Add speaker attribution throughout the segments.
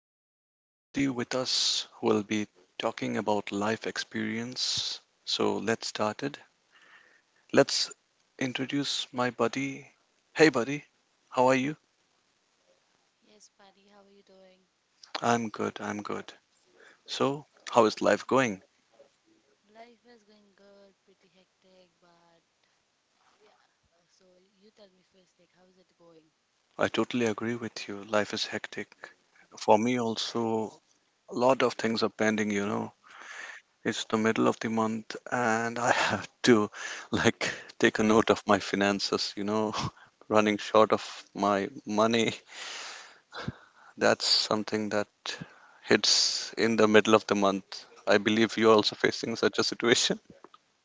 Speaker 1: have our buddy with us who will be talking about life experience. So let's start it. Let's introduce my buddy. Hey buddy, how are you?
Speaker 2: Yes, Patty, how are you doing?
Speaker 1: I'm good, I'm good. So, how is life going?
Speaker 2: Life is going good, pretty hectic, but yeah. So you tell me first, like, how is it going?
Speaker 1: I totally agree with you. Life is hectic. For me also, a lot of things are pending. It's the middle of the month and I have to, like, take a note of my finances, running short of my money.
Speaker 2: S-
Speaker 1: That's something that hits in the middle of the month. I believe you're also facing such a situation.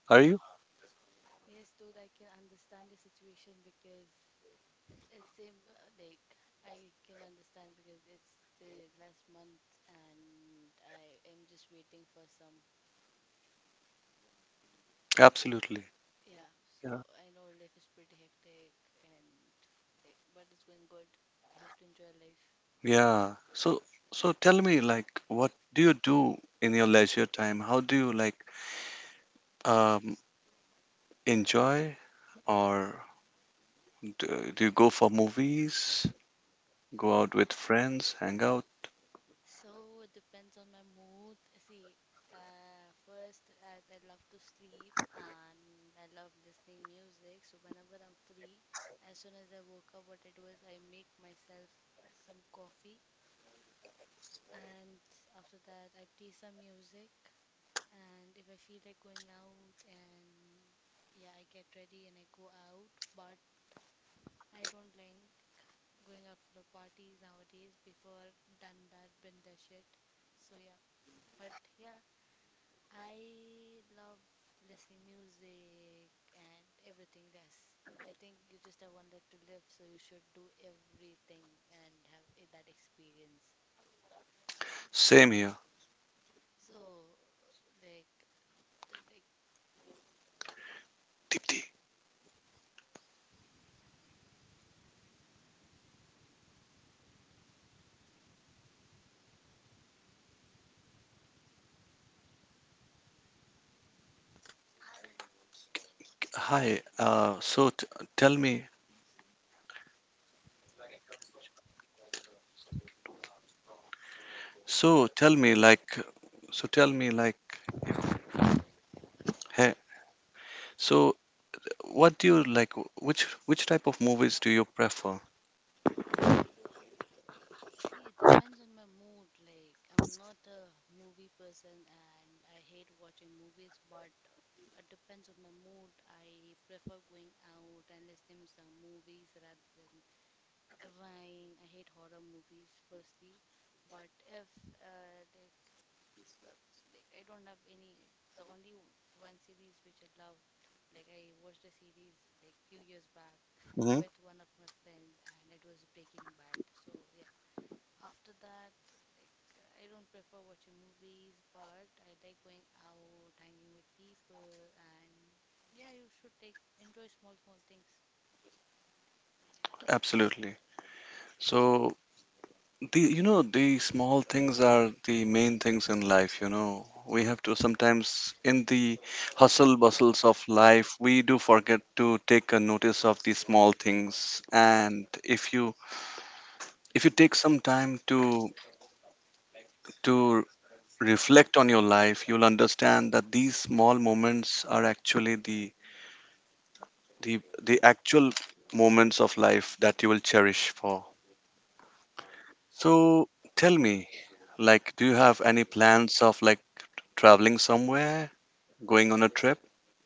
Speaker 1: Are you?
Speaker 2: Yes, dude, I can understand the situation because it's same, uh, like, I can understand because it's the last month and I am just waiting for some.
Speaker 1: Absolutely.
Speaker 2: Yeah,
Speaker 1: Yeah.
Speaker 2: so I know life is pretty hectic and, like, but it's going good. You have to enjoy life.
Speaker 1: Yeah. So tell me, like, what do you do in your leisure time? How do you like um enjoy, or do you go for movies, go out with friends, hang out?
Speaker 2: So it depends on my mood. See, first, as I love to sleep and I love listening music, so whenever I'm free, as soon as I woke up, what I do is I make myself some coffee, and after that, I play some music. And if I feel like going out, and yeah, I get ready and I go out, but I don't like going out for the parties nowadays. Before done that, been that shit. So yeah. But yeah, I love listening music and everything. That's, I think, you just have one life to live, so you should do everything and have that experience.
Speaker 1: Same here.
Speaker 2: So, like, the- like,
Speaker 1: Deepti. Hi. Tell me so tell me like so tell me like hey so What do you like? Which type of movies do you prefer?
Speaker 2: see, it depends on my mood. Like, I'm not a movie person, and I hate watching movies, but it depends on my mood. I prefer going out and listening some movies rather than crying. I hate horror movies firstly, but if uh, like uh, like I don't have any. The only w- One series which I loved, like I watched a series like few years back
Speaker 1: Hmm.
Speaker 2: with one of my friend, and it was Breaking Bad. So yeah, after that, like I don't prefer watching movies, but I like going out, hanging with people, and yeah, you should take enjoy small small things.
Speaker 1: Absolutely. So the you know the small things are the main things in life, you know. We have to, sometimes in the hustle bustles of life, we do forget to take a notice of the small things. And if you take some time to reflect on your life, you'll understand that these small moments are actually the the actual moments of life that you will cherish for. So tell me, like, do you have any plans of, like, traveling somewhere, going on a trip?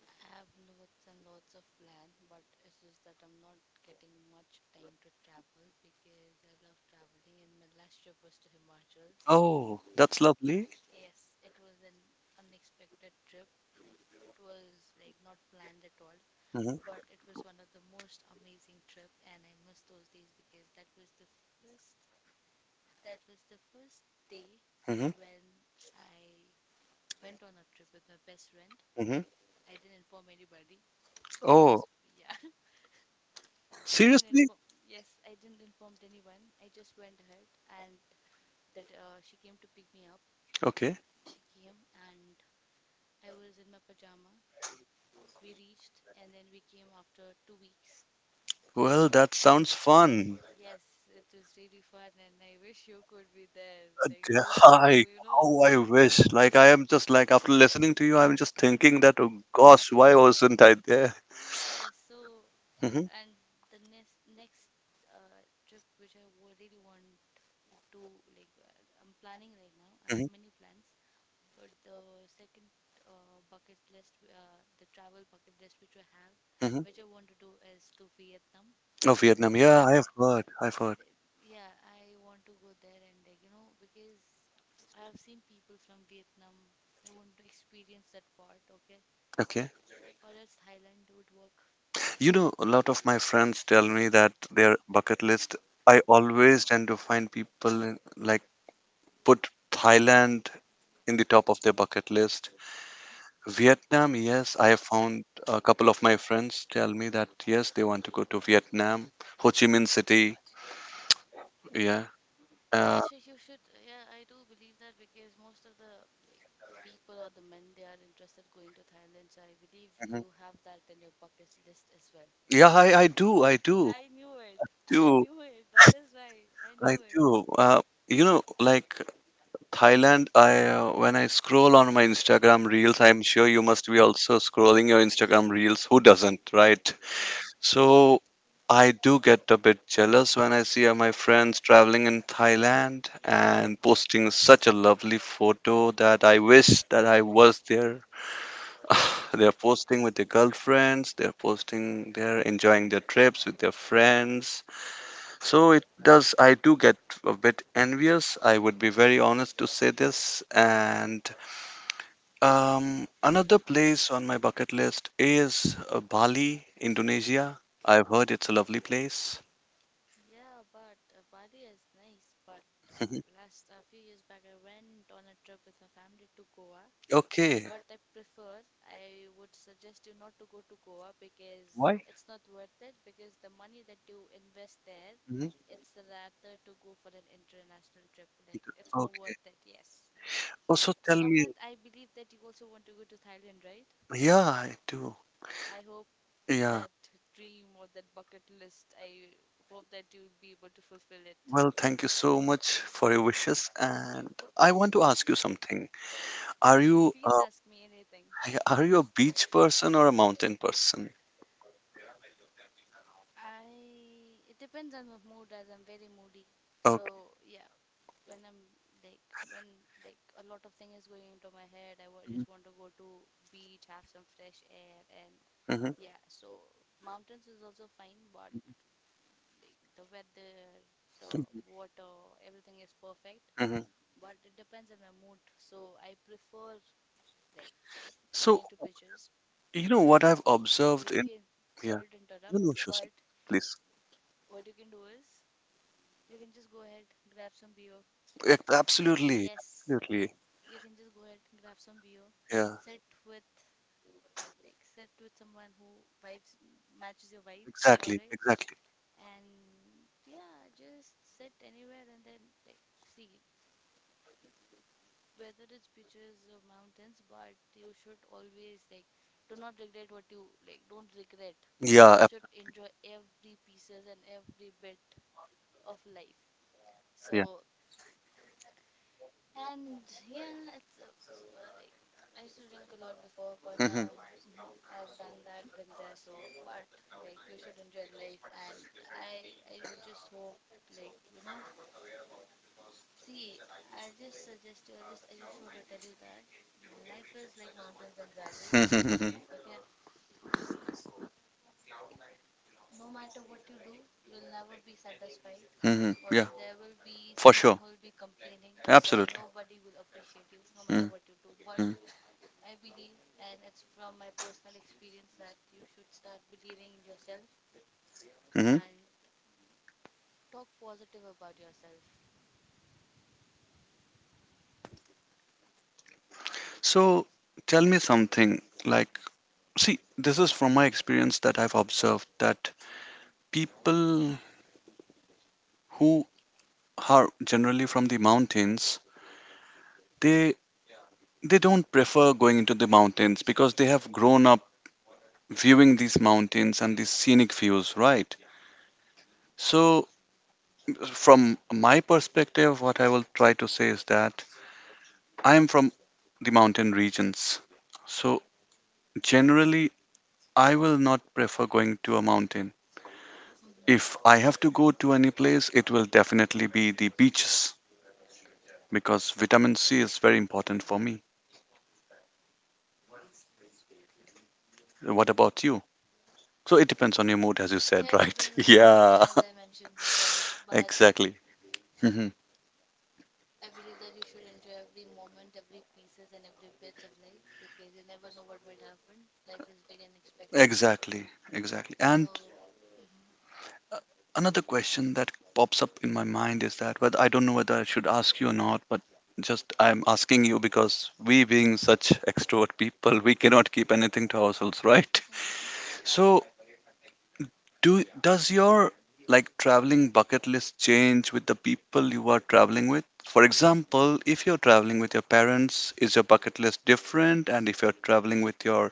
Speaker 2: I have lots and lots of plan, but it's just that I'm not getting much time to travel because I love traveling and my last trip was to Himachal
Speaker 1: Oh, that's
Speaker 2: and
Speaker 1: lovely.
Speaker 2: yes, it was an unexpected trip. It was like not planned at all,
Speaker 1: Hmm.
Speaker 2: but it was one of the most amazing trip and I miss those days because first that was the first day
Speaker 1: Hmm.
Speaker 2: when I went on a trip with my best friend.
Speaker 1: Hmm.
Speaker 2: I didn't inform anybody. I
Speaker 1: Oh,
Speaker 2: just yeah. I didn't
Speaker 1: seriously?
Speaker 2: inform. Yes, I didn't inform anyone. I just went ahead, and that she came to pick me up.
Speaker 1: Okay.
Speaker 2: She came, and I was in my pajama. We reached, and then we came after 2 weeks.
Speaker 1: Well, that sounds fun.
Speaker 2: Yes, it was really fun, and I wish you could be there, like just
Speaker 1: Hi.
Speaker 2: to, you know.
Speaker 1: How I wish. Like, I am just, like, after listening to you, I'm just thinking that, oh gosh, why wasn't I there?
Speaker 2: Yes, so uh,
Speaker 1: Hmm.
Speaker 2: and the next trip which I really want to, like, I'm planning right now. I
Speaker 1: Hmm.
Speaker 2: have many plans. But the second bucket list, the travel bucket list which I have, which
Speaker 1: Hmm.
Speaker 2: I want to do is to Vietnam.
Speaker 1: Oh, Vietnam. Yeah, I have
Speaker 2: Okay,
Speaker 1: heard. I've heard.
Speaker 2: yeah, I want to go there and, like, you know, because I have seen people from Vietnam. I want to experience that part. Okay,
Speaker 1: Okay.
Speaker 2: or else Thailand would work.
Speaker 1: You know, a lot of my friends tell me that their bucket list, I always tend to find people like, put Thailand in the top of their bucket list. Vietnam, yes, I have found a couple of my friends tell me that, yes, they want to go to Vietnam, Ho Chi Minh City. Yeah.
Speaker 2: Yeah,
Speaker 1: Uh,
Speaker 2: you should. Yeah, I do believe that because most of the, like, people or the men they are interested going to Thailand. So I believe
Speaker 1: mhm.
Speaker 2: you have that in your bucket list as well.
Speaker 1: Yeah, I do, I do,
Speaker 2: I knew it. I
Speaker 1: do,
Speaker 2: knew it. That is why I
Speaker 1: I
Speaker 2: knew it.
Speaker 1: do. You know, like, Thailand, I, when I scroll on my Instagram reels, I'm sure you must be also scrolling your Instagram reels. Who doesn't, right?
Speaker 2: Yeah.
Speaker 1: So I do get a bit jealous when I see my friends traveling in Thailand and posting such a lovely photo that I wish that I was there. They're posting with their girlfriends, they're posting, they're enjoying their trips with their friends. So it does, I do get a bit envious. I would be very honest to say this. And another place on my bucket list is, Bali, Indonesia. I've heard it's a lovely place.
Speaker 2: Yeah, but Bali is nice. But
Speaker 1: Mhm.
Speaker 2: last a few years back, I went on a trip with my family to Goa.
Speaker 1: Okay.
Speaker 2: But I prefer, I would suggest you not to go to Goa because it's not worth it. Because the money that you invest there,
Speaker 1: Mhm.
Speaker 2: it's rather to go for an international trip. Like, it's more
Speaker 1: Okay.
Speaker 2: worth it, yes.
Speaker 1: Also,
Speaker 2: So,
Speaker 1: tell me.
Speaker 2: Amit, I believe that you also want to go to Thailand, right?
Speaker 1: Yeah, I do.
Speaker 2: I hope
Speaker 1: Yeah.
Speaker 2: that dream or that bucket list, I hope that you'll be able to fulfill it.
Speaker 1: Well, thank you so much for your wishes. And I want to ask you something. Are you
Speaker 2: Please ask me anything.
Speaker 1: Are you a beach person or a mountain person?
Speaker 2: I, it depends on my mood as I'm very moody.
Speaker 1: Okay.
Speaker 2: So yeah, when I'm, like, when, like, a lot of thing is going into my head, I just want to go to beach, have some fresh air, and
Speaker 1: Hmm.
Speaker 2: yeah. So mountains is also fine, but, like, the weather, the water, everything is perfect.
Speaker 1: Hmm.
Speaker 2: But it depends on my mood. So I prefer, like,
Speaker 1: So,
Speaker 2: going to beaches.
Speaker 1: you know what I've observed
Speaker 2: You
Speaker 1: in,
Speaker 2: can,
Speaker 1: yeah,
Speaker 2: sorry to
Speaker 1: you know,
Speaker 2: interrupt,
Speaker 1: Shosni,
Speaker 2: but
Speaker 1: please.
Speaker 2: what you can do is you can just go ahead, grab some beer.
Speaker 1: Yeah, absolutely,
Speaker 2: Yes,
Speaker 1: absolutely.
Speaker 2: you can just go ahead and grab some beer,
Speaker 1: Yeah,
Speaker 2: sit with, like, sit with someone who vibes matches your vibe, all
Speaker 1: exactly,
Speaker 2: right?
Speaker 1: exactly.
Speaker 2: And yeah, just sit anywhere and then, like, see whether it's beaches or mountains, but you should always, like, do not regret what you, like, don't regret.
Speaker 1: Yeah,
Speaker 2: You should enjoy every pieces and every bit of life. So, and yeah, it's like I used to drink a lot before, but now mhm, I've done that, been there. So, but, like, you should enjoy life, and I would just hope, like, you know. See, I just suggest you. I just want to tell you that life is like mountains and valleys.
Speaker 1: hmm.
Speaker 2: Okay, no matter what you do, you'll never be satisfied. All
Speaker 1: Yeah,
Speaker 2: right, there will be
Speaker 1: for
Speaker 2: someone
Speaker 1: sure,
Speaker 2: who will be complaining, or will-
Speaker 1: absolutely.
Speaker 2: nobody will appreciate you, no matter
Speaker 1: Mm-hmm.
Speaker 2: what you do. But I believe, and it's from my personal experience, that you should start believing in yourself
Speaker 1: Mm-hmm.
Speaker 2: and talk positive about yourself.
Speaker 1: So, tell me something, like, see, this is from my experience that I've observed that people who are generally from the mountains, they they don't prefer going into the mountains because they have grown up viewing these mountains and these scenic views, right? So, from my perspective, what I will try to say is that I am from the mountain regions. So, generally, I will not prefer going to a mountain.
Speaker 2: Hmm.
Speaker 1: If I have to go to any place, it will definitely be the beaches because vitamin C is very important for me. What about you? So, it depends on your mood, as you said,
Speaker 2: Yeah, it
Speaker 1: right?
Speaker 2: depends on my mood,
Speaker 1: Yeah.
Speaker 2: as I mentioned before, but
Speaker 1: Exactly. Hmm.
Speaker 2: I believe that you should enjoy every moment, every pieces, and every bits of life because you never know what might happen. Life is very unexpected.
Speaker 1: Exactly, exactly. And
Speaker 2: So, hmm.
Speaker 1: another question that pops up in my mind is that, whether I don't know whether I should ask you or not, but just I'm asking you because, we being such extrovert people, we cannot keep anything to ourselves, right?
Speaker 2: Hmm,
Speaker 1: So, do does your, like, traveling bucket list change with the people you are traveling with? For example, if you're traveling with your parents, is your bucket list different? And if you're traveling with your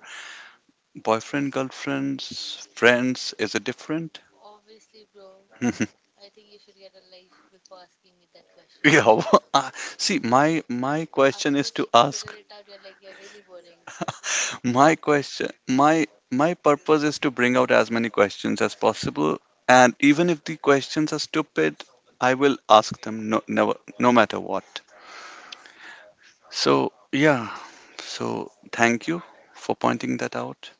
Speaker 1: boyfriend, girlfriends, friends, is it different?
Speaker 2: obviously, bro, I think you should get a life before asking me that question.
Speaker 1: Yeah. uh, see, my question
Speaker 2: After
Speaker 1: is
Speaker 2: this,
Speaker 1: to
Speaker 2: I can figure
Speaker 1: ask.
Speaker 2: it out. You're like, you're really boring.
Speaker 1: My question, my purpose is to bring out as many questions as possible, and even if the questions are stupid, I will ask them, no, never, no matter what. So yeah, so thank you for pointing that out.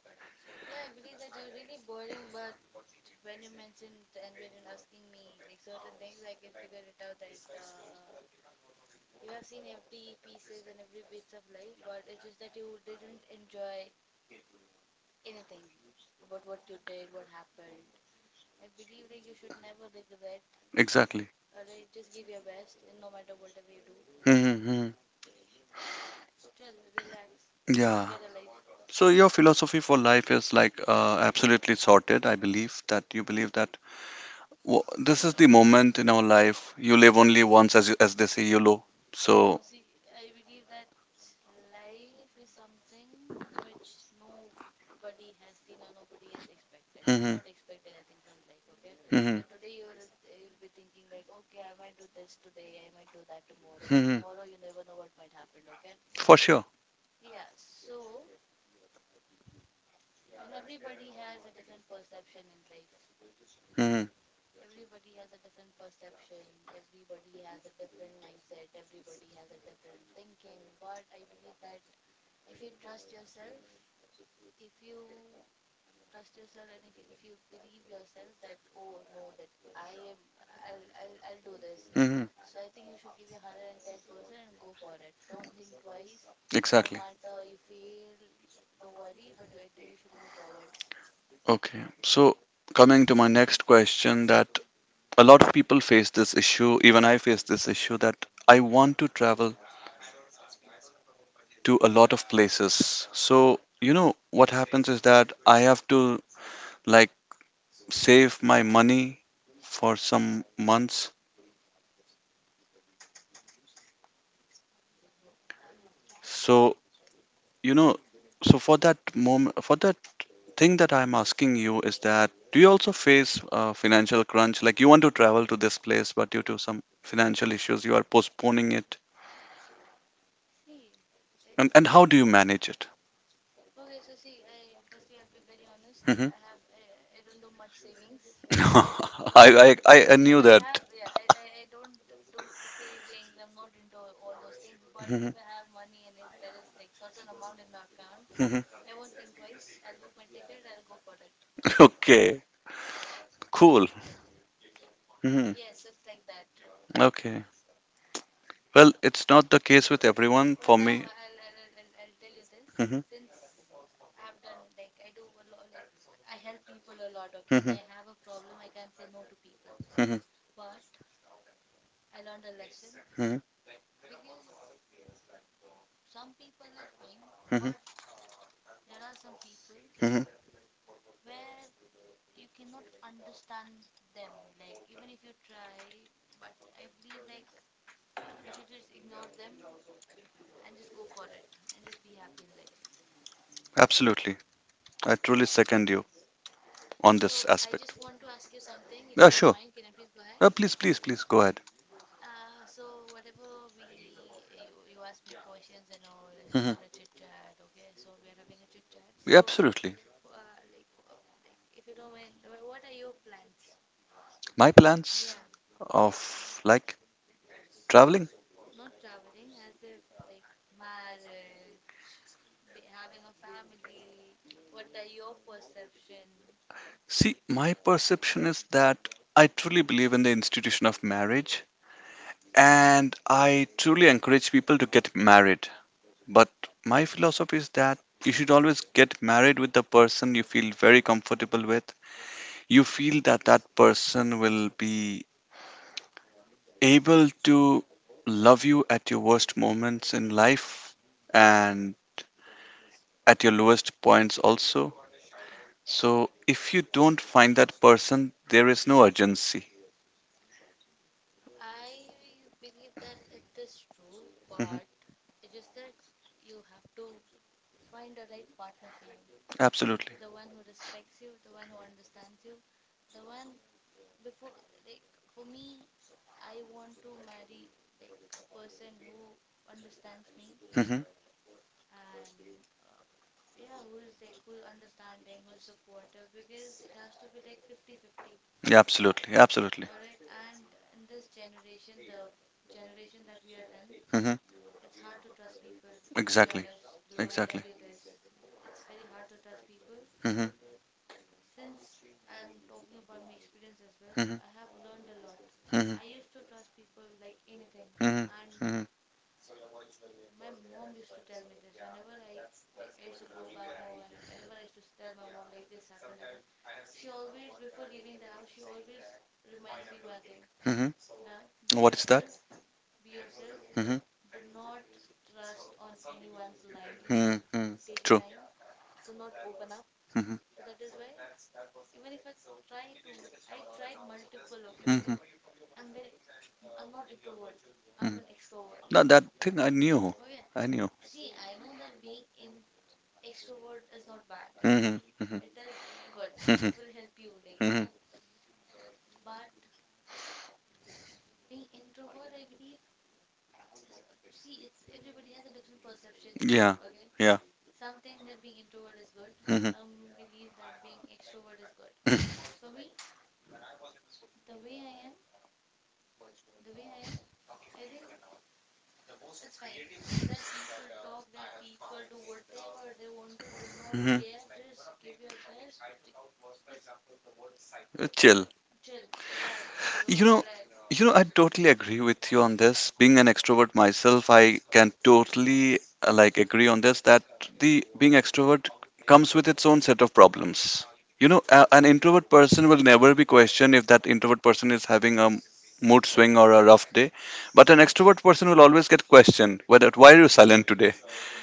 Speaker 2: Yeah, I believe that you're really boring, but when you mentioned and when you're asking me, like, certain things, I can figure it out that, you have seen every pieces and every bits of life, but it's just that you didn't enjoy anything about what you did, what happened. I believe that you should never regret.
Speaker 1: Exactly.
Speaker 2: Alright, just give your best, and no matter whatever you do, and
Speaker 1: Mm-hmm.
Speaker 2: chill, relax, and
Speaker 1: Yeah.
Speaker 2: get a life.
Speaker 1: So your philosophy for life is, like, absolutely sorted. I believe that you believe that this is the
Speaker 2: See,
Speaker 1: moment in our life. You live only once, as they say, YOLO.
Speaker 2: no,
Speaker 1: So,
Speaker 2: see, I believe that life is something which nobody has seen or nobody has expected. You
Speaker 1: hmm.
Speaker 2: cannot expect anything from life, okay?
Speaker 1: Hmm.
Speaker 2: So today you'll be thinking like, okay, I might do this today, I might do that tomorrow, but
Speaker 1: Hmm.
Speaker 2: tomorrow you never know what might happen, okay?
Speaker 1: For sure.
Speaker 2: Yeah, so and everybody has a different perception in life.
Speaker 1: Hmm.
Speaker 2: Everybody has a different perception, everybody has a different mindset, everybody has a different thinking. But I believe that if you trust yourself, if you trust yourself and if you believe yourself that oh no that I am I'll do this.
Speaker 1: Hmm.
Speaker 2: So I think you should give your 110% and go for it. Don't think twice. No
Speaker 1: Exactly.
Speaker 2: matter you fail, don't worry, but you, I think you should move forward.
Speaker 1: Okay. So, coming to my next question, that a lot of people face this issue. Even I face this issue that I want to travel to a lot of places. So, you know, what happens is that I have to, like, save my money for some months. So, you know, so for that moment, for that thing that I'm asking you is that, do you also face a financial crunch? Like, you want to travel to this place, but due to some financial issues, you are postponing it.
Speaker 2: See,
Speaker 1: And
Speaker 2: it's
Speaker 1: and
Speaker 2: not.
Speaker 1: how do you manage it?
Speaker 2: Okay, so see, I firstly I'll be very honest.
Speaker 1: Hmm.
Speaker 2: I don't do much savings. Okay,
Speaker 1: I
Speaker 2: okay. If
Speaker 1: knew
Speaker 2: I
Speaker 1: that.
Speaker 2: have, yeah, I don't do savings. I'm not into all those things. But
Speaker 1: Mhm,
Speaker 2: if I have money and if there is like certain amount in my account,
Speaker 1: mhm.
Speaker 2: I won't think twice. I'll book my ticket. I'll go for it.
Speaker 1: Okay, cool. Hmm.
Speaker 2: Yes, it's like that.
Speaker 1: Okay. Well, it's not the case with everyone.
Speaker 2: But
Speaker 1: For
Speaker 2: now
Speaker 1: me.
Speaker 2: I'll tell you this.
Speaker 1: Mhm.
Speaker 2: Since I've done, like, I do a lot, like, I help people a lot. Okay, and
Speaker 1: Mhm.
Speaker 2: I have a problem. I can't say no to people.
Speaker 1: Mhm.
Speaker 2: But I learned a lesson
Speaker 1: Mhm.
Speaker 2: because some people are fine,
Speaker 1: Mhm.
Speaker 2: but there are some people
Speaker 1: Mhm.
Speaker 2: where you cannot understand them. Like, even if you try, but I believe, like, you should just ignore them and just go for it and just be happy in life.
Speaker 1: Absolutely. I truly second you on this
Speaker 2: So, I
Speaker 1: aspect.
Speaker 2: just want to ask you something if
Speaker 1: Yeah,
Speaker 2: you don't
Speaker 1: sure.
Speaker 2: mind. Can I please go ahead?
Speaker 1: Please, please, please go ahead.
Speaker 2: So whatever you asked me questions and all, and we had
Speaker 1: Hmm.
Speaker 2: a chit chat. Okay, so we are having a chit chat.
Speaker 1: Yeah,
Speaker 2: So
Speaker 1: absolutely.
Speaker 2: uh, like uh, if you don't mind, what are your plans?
Speaker 1: My plans
Speaker 2: Yeah, like
Speaker 1: of, like, traveling.
Speaker 2: not traveling as if like marriage, be, having a family. What are your perception?
Speaker 1: See, my perception is that I truly believe in the institution of marriage and I truly encourage people to get married. But my philosophy is that you should always get married with the person you feel very comfortable with. You feel that that person will be able to love you at your worst moments in life and at your lowest points also. So if you don't find that person, there is no urgency.
Speaker 2: I believe that it is true,
Speaker 1: Hmm.
Speaker 2: but it's just that you have to find a right partner for you.
Speaker 1: Absolutely.
Speaker 2: The one who respects you, the one who understands you, the one before, like, for me, I want to marry, like, a person who understands me
Speaker 1: Hmm.
Speaker 2: and yeah, who is like who's understanding, who's supportive because it has to be like fifty-50,
Speaker 1: Yeah, absolutely. Absolutely.
Speaker 2: right, and in this generation, the generation that we are in,
Speaker 1: Hmm.
Speaker 2: it's hard to trust people. To be
Speaker 1: Exactly.
Speaker 2: honest, bro, I tell
Speaker 1: Exactly.
Speaker 2: you this, it's very hard to trust people.
Speaker 1: Hmm.
Speaker 2: Since I'm talking about my experience as well, I
Speaker 1: Hmm.
Speaker 2: have learned a lot.
Speaker 1: Hmm.
Speaker 2: I used to trust people like anything,
Speaker 1: Hmm.
Speaker 2: and
Speaker 1: Hmm.
Speaker 2: my mom used to tell me this whenever I I used to go back home, and whenever I used to tell my mom like this happened, and she always before leaving the house, she always reminds me one thing,
Speaker 1: Hmm.
Speaker 2: that
Speaker 1: What is that?
Speaker 2: be yourself,
Speaker 1: Hmm.
Speaker 2: do not trust on anyone blindly.
Speaker 1: Hmm.
Speaker 2: Take your
Speaker 1: True.
Speaker 2: time. Do not open up.
Speaker 1: Hmm.
Speaker 2: So that is why even if I try to, I tried multiple, okay,
Speaker 1: Hmm. Hmm.
Speaker 2: because I'm very, no, I'm not introvert, I'm an extrovert.
Speaker 1: No, that thing I knew.
Speaker 2: Okay,
Speaker 1: I knew.
Speaker 2: see, I know that being in extrovert is not bad.
Speaker 1: Hmm. Hmm. Hmm.
Speaker 2: It is good. It will help you, like, you
Speaker 1: Hmm.
Speaker 2: know. But being introvert, I believe, see, it's everybody has a different perception.
Speaker 1: Yeah.
Speaker 2: Okay,
Speaker 1: Yeah.
Speaker 2: some think that being introvert is good.
Speaker 1: Hmm.
Speaker 2: Some believe that being extrovert is good. For me, the way I am, the way I am, I think it's fine. Let people talk, let people do whatever they want to, do not
Speaker 1: Hmm.
Speaker 2: care. Just give your best. Just like,
Speaker 1: Chill.
Speaker 2: chill, relax, bro,
Speaker 1: You know,
Speaker 2: relax.
Speaker 1: I totally agree with you on this. Being an extrovert myself, I can totally, like, agree on this that the being extrovert comes with its own set of problems. You know, an introvert person will never be questioned if that introvert person is having a mood swing or a rough day, but an extrovert person will always get questioned, whether why are you silent today?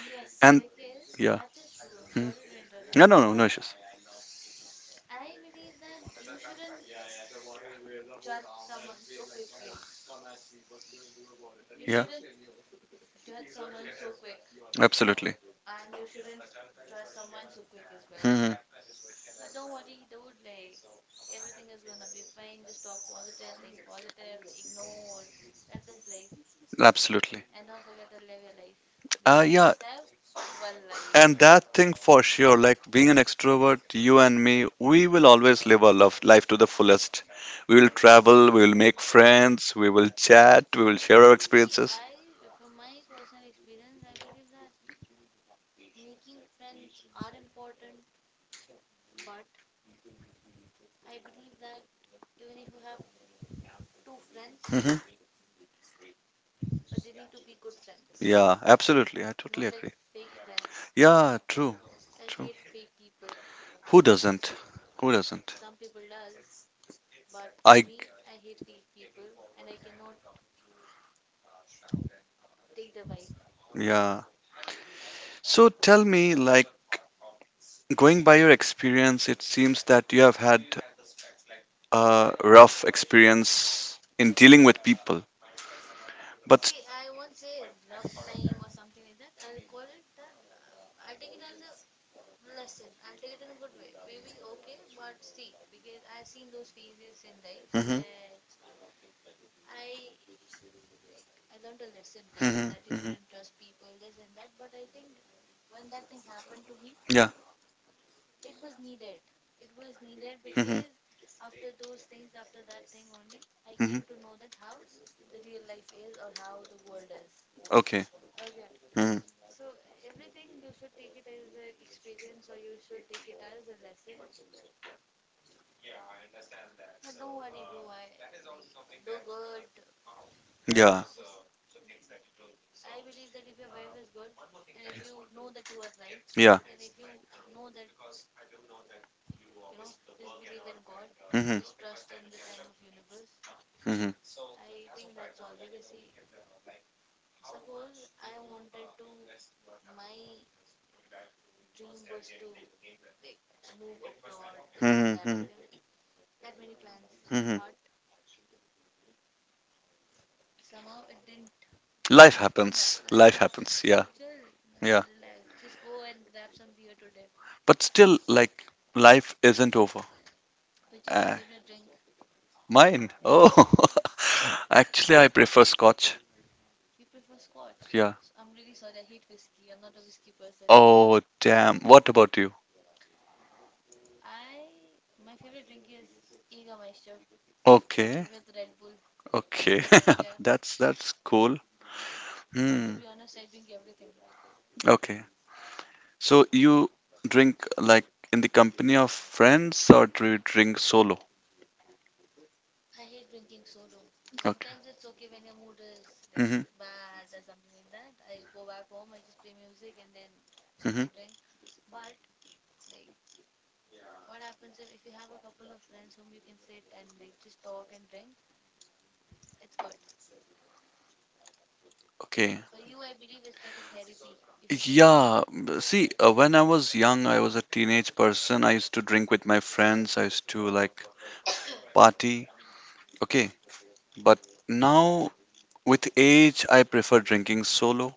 Speaker 2: Yes,
Speaker 1: And
Speaker 2: because
Speaker 1: yeah.
Speaker 2: that is true. I'm
Speaker 1: Hmm.
Speaker 2: sorry to
Speaker 1: No,
Speaker 2: interrupt,
Speaker 1: no, no, no
Speaker 2: but
Speaker 1: issues.
Speaker 2: I believe that you shouldn't judge someone so quickly. You
Speaker 1: Yeah,
Speaker 2: shouldn't judge someone so quick,
Speaker 1: absolutely.
Speaker 2: and you shouldn't trust someone so quick as well.
Speaker 1: Hmm. Hmm.
Speaker 2: But don't worry, dude. Like everything is gonna be fine. Just talk positive, think positive, ignore. That is life.
Speaker 1: Absolutely.
Speaker 2: And don't forget to live your life
Speaker 1: Uh,
Speaker 2: because we
Speaker 1: yeah,
Speaker 2: just have one life.
Speaker 1: And that thing for sure, like, being an extrovert, you and me, we will always live our love life to the fullest. We will travel, we will make friends, we will chat, we will share our
Speaker 2: See,
Speaker 1: experiences.
Speaker 2: I, from my personal experience, I believe that making friends are important, but I believe that even if you have two friends,
Speaker 1: Hmm.
Speaker 2: but they need to be good friends,
Speaker 1: Yeah, absolutely. I totally
Speaker 2: not like
Speaker 1: agree.
Speaker 2: fake friends.
Speaker 1: Yeah, true,
Speaker 2: I
Speaker 1: true.
Speaker 2: hate fake people.
Speaker 1: Who doesn't? Who doesn't?
Speaker 2: Some people does, but for
Speaker 1: I,
Speaker 2: me, I hate fake people and I cannot take the vibe.
Speaker 1: yeah. So tell me, like, going by your experience, it seems that you have had a rough experience in dealing with people, but.
Speaker 2: See, I won't say rough time or something like that. I'll call it that. I'll take it as a lesson. I'll take it in a good way. Maybe okay, but see, because I've seen those phases in life
Speaker 1: Mhm.
Speaker 2: where I I learned a lesson, right?
Speaker 1: Mhm.
Speaker 2: That you
Speaker 1: Mhm.
Speaker 2: shouldn't trust people, this and that. But I think when that thing happened to me,
Speaker 1: Yeah.
Speaker 2: it was needed. It was needed
Speaker 1: Mhm.
Speaker 2: because after those things, after that thing only, I came
Speaker 1: Mhm.
Speaker 2: to know that how the real life is or how the world is.
Speaker 1: Okay.
Speaker 2: Okay.
Speaker 1: Mhm.
Speaker 2: So everything you should take it as an experience or you should take it as a lesson. But don't worry, bro. I like Do good. Like
Speaker 1: Yeah.
Speaker 2: just like I believe that if your vibe is good and if you know that you are right
Speaker 1: Yeah.
Speaker 2: and if you know that like you know just believe in god,
Speaker 1: Mhm.
Speaker 2: just trust in the time of universe.
Speaker 1: Mhm.
Speaker 2: I think that's all because see, suppose I wanted to, my dream was to, like, move abroad, this and
Speaker 1: Mhm.
Speaker 2: that,
Speaker 1: Mhm.
Speaker 2: okay. I had many plans
Speaker 1: Mhm.
Speaker 2: but somehow it didn't.
Speaker 1: Life happens.
Speaker 2: Life
Speaker 1: Life
Speaker 2: happens,
Speaker 1: happens. Yeah.
Speaker 2: so chill,
Speaker 1: Yeah.
Speaker 2: relax, just go and grab some beer today.
Speaker 1: But still, like, life isn't over.
Speaker 2: Which is your
Speaker 1: Uh,
Speaker 2: favorite drink?
Speaker 1: mine.
Speaker 2: Yeah,
Speaker 1: Oh. Actually, I prefer Scotch.
Speaker 2: you prefer scotch.
Speaker 1: Yeah.
Speaker 2: I'm really sorry, I hate whiskey, I'm not a whiskey person.
Speaker 1: Oh, damn. What about you?
Speaker 2: I My favorite drink is Jägermeister
Speaker 1: Okay.
Speaker 2: with Red Bull.
Speaker 1: Okay.
Speaker 2: Okay, yeah.
Speaker 1: That's cool.
Speaker 2: But to
Speaker 1: Hmm.
Speaker 2: be honest, I drink everything.
Speaker 1: Okay. So you drink, like, in the company of friends, or do you drink solo?
Speaker 2: I hate drinking solo.
Speaker 1: Okay.
Speaker 2: Sometimes it's okay when your mood is like
Speaker 1: Hmm.
Speaker 2: bad or something like that. I go back home, I just play music and then
Speaker 1: Hmm.
Speaker 2: I drink. But like what happens if, you have a couple of friends whom you can sit and like just talk and drink, it's good.
Speaker 1: Okay.
Speaker 2: For you, I believe it's like a therapy if you drink.
Speaker 1: Yeah. See, when I was young, I was a teenage person. I used to drink with my friends. I used to, like, party. Okay. But now, with age, I prefer drinking solo.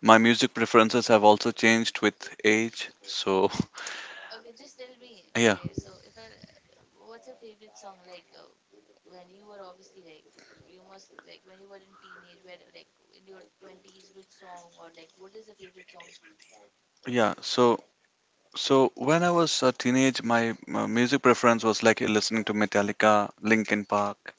Speaker 1: My music preferences have also changed with age. So,
Speaker 2: Okay, just tell me.
Speaker 1: yeah.
Speaker 2: Okay, so if I, what's your favorite song? Like when you were obviously like you must like when you were in teenage, where like in your twenties, which song or like what is your favorite song?
Speaker 1: Yeah. So, when I was a teenage, my music preference was like listening to Metallica, Linkin Park,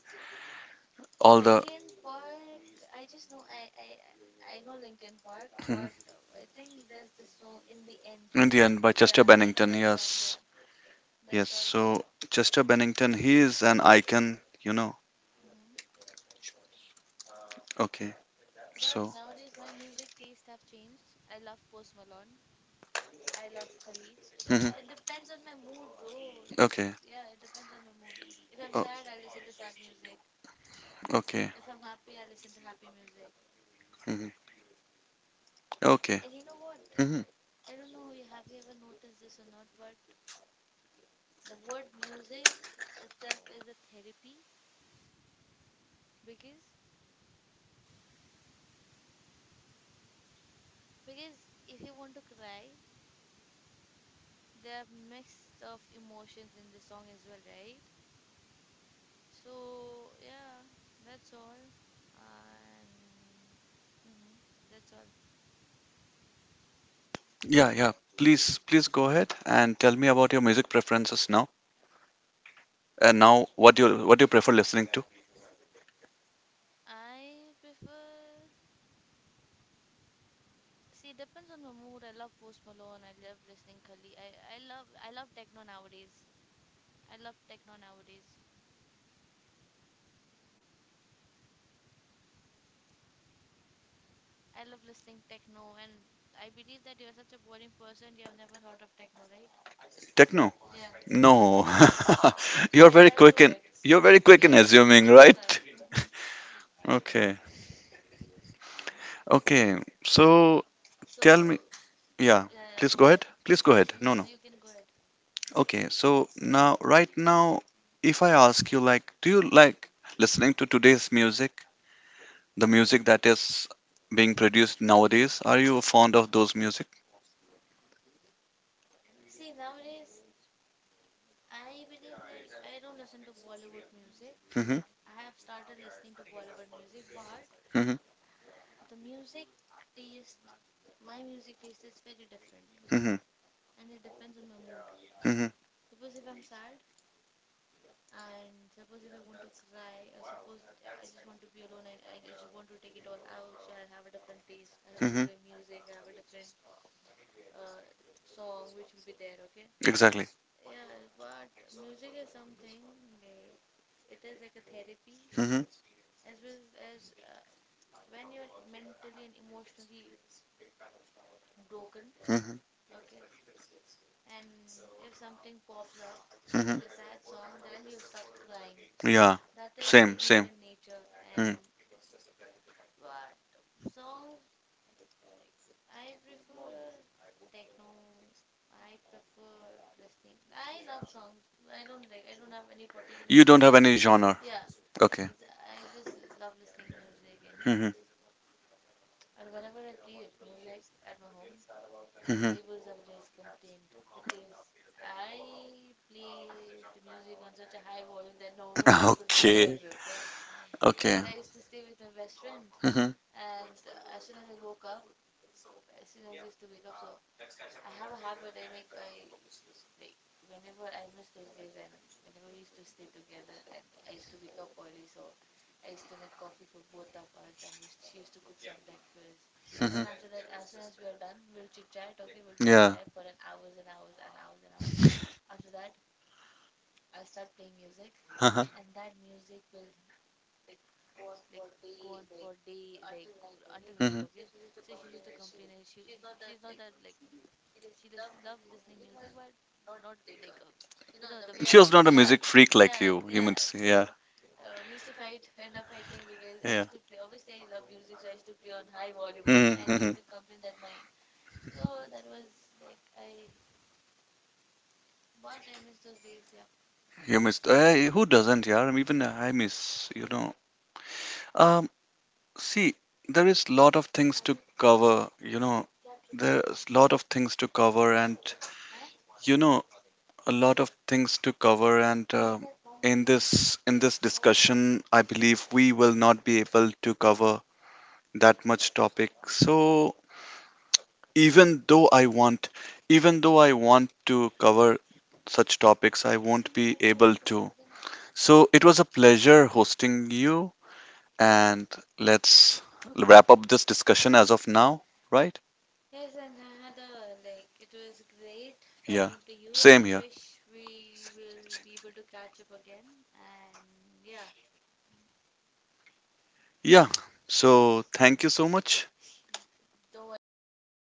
Speaker 1: all the.
Speaker 2: Linkin Park. I just know I know Linkin Park, but I think there's this song in the end.
Speaker 1: In the end, by Chester
Speaker 2: Yeah, I know
Speaker 1: Bennington.
Speaker 2: that song.
Speaker 1: Yes,
Speaker 2: Yeah,
Speaker 1: yes.
Speaker 2: that's all.
Speaker 1: So Chester Bennington, he is an icon, you know.
Speaker 2: Hmm.
Speaker 1: Okay.
Speaker 2: But
Speaker 1: So.
Speaker 2: nowadays my music taste have changed. I love Post Malone. I love Khalid. So yeah, it
Speaker 1: Hmm.
Speaker 2: depends on my mood, bro. Just
Speaker 1: Okay.
Speaker 2: yeah, it depends on my mood. If I'm
Speaker 1: Oh,
Speaker 2: sad, I listen to sad music.
Speaker 1: okay.
Speaker 2: If I'm happy, I listen to happy music.
Speaker 1: Hmm. Okay.
Speaker 2: And you know what?
Speaker 1: Hmm.
Speaker 2: I don't know, have you ever noticed this or not, but the word music itself is a therapy, because if you want to cry, there are mix of emotions in the song as well, right? So yeah, that's all. And mm-hmm, that's all.
Speaker 1: Yeah, yeah. Please, please go ahead and tell me about your music preferences now. And now, what do you prefer listening to?
Speaker 2: I prefer, see it depends on my mood. I love Post Malone. I love listening Kali. I love techno nowadays. I love techno nowadays. I love listening techno, and I believe that you're such a boring person. You have never heard of techno, right?
Speaker 1: Techno?
Speaker 2: Yeah,
Speaker 1: No. You're very
Speaker 2: I
Speaker 1: quick
Speaker 2: knew
Speaker 1: in
Speaker 2: it.
Speaker 1: you're very quick in
Speaker 2: Yes,
Speaker 1: assuming,
Speaker 2: I know that.
Speaker 1: right?
Speaker 2: Hmm.
Speaker 1: Okay. Okay. So
Speaker 2: So
Speaker 1: tell me. Yeah.
Speaker 2: yeah, yeah,
Speaker 1: Please
Speaker 2: go
Speaker 1: go
Speaker 2: ahead.
Speaker 1: ahead. Please go ahead.
Speaker 2: No,
Speaker 1: No,
Speaker 2: no,
Speaker 1: no.
Speaker 2: you can go ahead.
Speaker 1: Okay, so now, right now, if I ask you, like, do you like listening to today's music, the music that is being produced nowadays? Are you fond of those music?
Speaker 2: See, nowadays I believe like I don't listen to Bollywood music.
Speaker 1: Mm-hmm.
Speaker 2: Like I have started listening to Bollywood music, but
Speaker 1: Mm-hmm.
Speaker 2: the music taste, my music taste is very different
Speaker 1: Mm-hmm.
Speaker 2: and it depends on my mood.
Speaker 1: Mm-hmm.
Speaker 2: Suppose if I'm sad and suppose if I want to cry or suppose I just want to be alone, I just want to take it all out. So I have a different taste. I have a
Speaker 1: Mm-hmm.
Speaker 2: different music. I have a different uh, song which will be there. Okay.
Speaker 1: Exactly.
Speaker 2: Yeah, but music is something like it is like a therapy
Speaker 1: Mm-hmm.
Speaker 2: as well as when you're mentally and emotionally broken.
Speaker 1: Mm-hmm.
Speaker 2: Okay. And if something pops up,
Speaker 1: Mm-hmm.
Speaker 2: like a sad song, then you'll start crying.
Speaker 1: Yeah,
Speaker 2: That is the
Speaker 1: same, same.
Speaker 2: human nature. And
Speaker 1: Hmm.
Speaker 2: but songs, like, I prefer techno. I prefer listening. I love songs. I don't like. I don't have any particular
Speaker 1: You
Speaker 2: song.
Speaker 1: don't have any genre.
Speaker 2: Yeah, and
Speaker 1: Okay.
Speaker 2: it's- I just love listening music and yeah.
Speaker 1: Mm-hmm.
Speaker 2: And whenever I play music at my home, the
Speaker 1: Mm-hmm.
Speaker 2: neighbors always complained because I play the music on such a high volume that nobody could bear,
Speaker 1: Okay.
Speaker 2: okay?
Speaker 1: Okay.
Speaker 2: So I used to stay with my best friend.
Speaker 1: Mm-hmm.
Speaker 2: And as soon as I woke up, as soon as I used to wake up, so I have a habit I make, I like whenever I miss those days and whenever we used to stay together and I used to wake up early, so I used to make coffee for both of us and used, she used to cook some breakfast,
Speaker 1: Mm-hmm.
Speaker 2: and after that as soon as we are done, we'll chit chat, okay, we'll talk
Speaker 1: Yeah.
Speaker 2: there for an hours and hours and hours and hours. After that I'll start playing music, and that music will like go on for day like until night, okay.
Speaker 1: Mm-hmm.
Speaker 2: So she used to complain and she she's not that like she listens loves listening music but not like a you know the way I,
Speaker 1: She was not a
Speaker 2: yeah,
Speaker 1: music freak like
Speaker 2: yeah,
Speaker 1: you
Speaker 2: yeah.
Speaker 1: might say. Yeah,
Speaker 2: So we used to fight end up fighting because I
Speaker 1: yeah.
Speaker 2: used to play, obviously I love music, so I used to play on high volume, okay, and she
Speaker 1: Mm-hmm.
Speaker 2: used to complain that my, so that was like I, but I miss those days, yeah.
Speaker 1: You missed. Eh, who doesn't, yeah? Even I miss, you know. Um, see, there is lot of things to cover, you know. There's lot of things to cover, and you know, a lot of things to cover. And in this discussion, I believe we will not be able to cover that much topic. So even though I want, even though I want to cover such topics, I won't be able to. So it was a pleasure hosting you. And let's wrap up this discussion as of now, right?
Speaker 2: Yes, and I had a like it was great
Speaker 1: Yeah.
Speaker 2: talking to you and
Speaker 1: Same
Speaker 2: I
Speaker 1: here.
Speaker 2: wish we will be able to catch up again and yeah.
Speaker 1: Yeah. So thank you so much.
Speaker 2: Don't worry, bro, life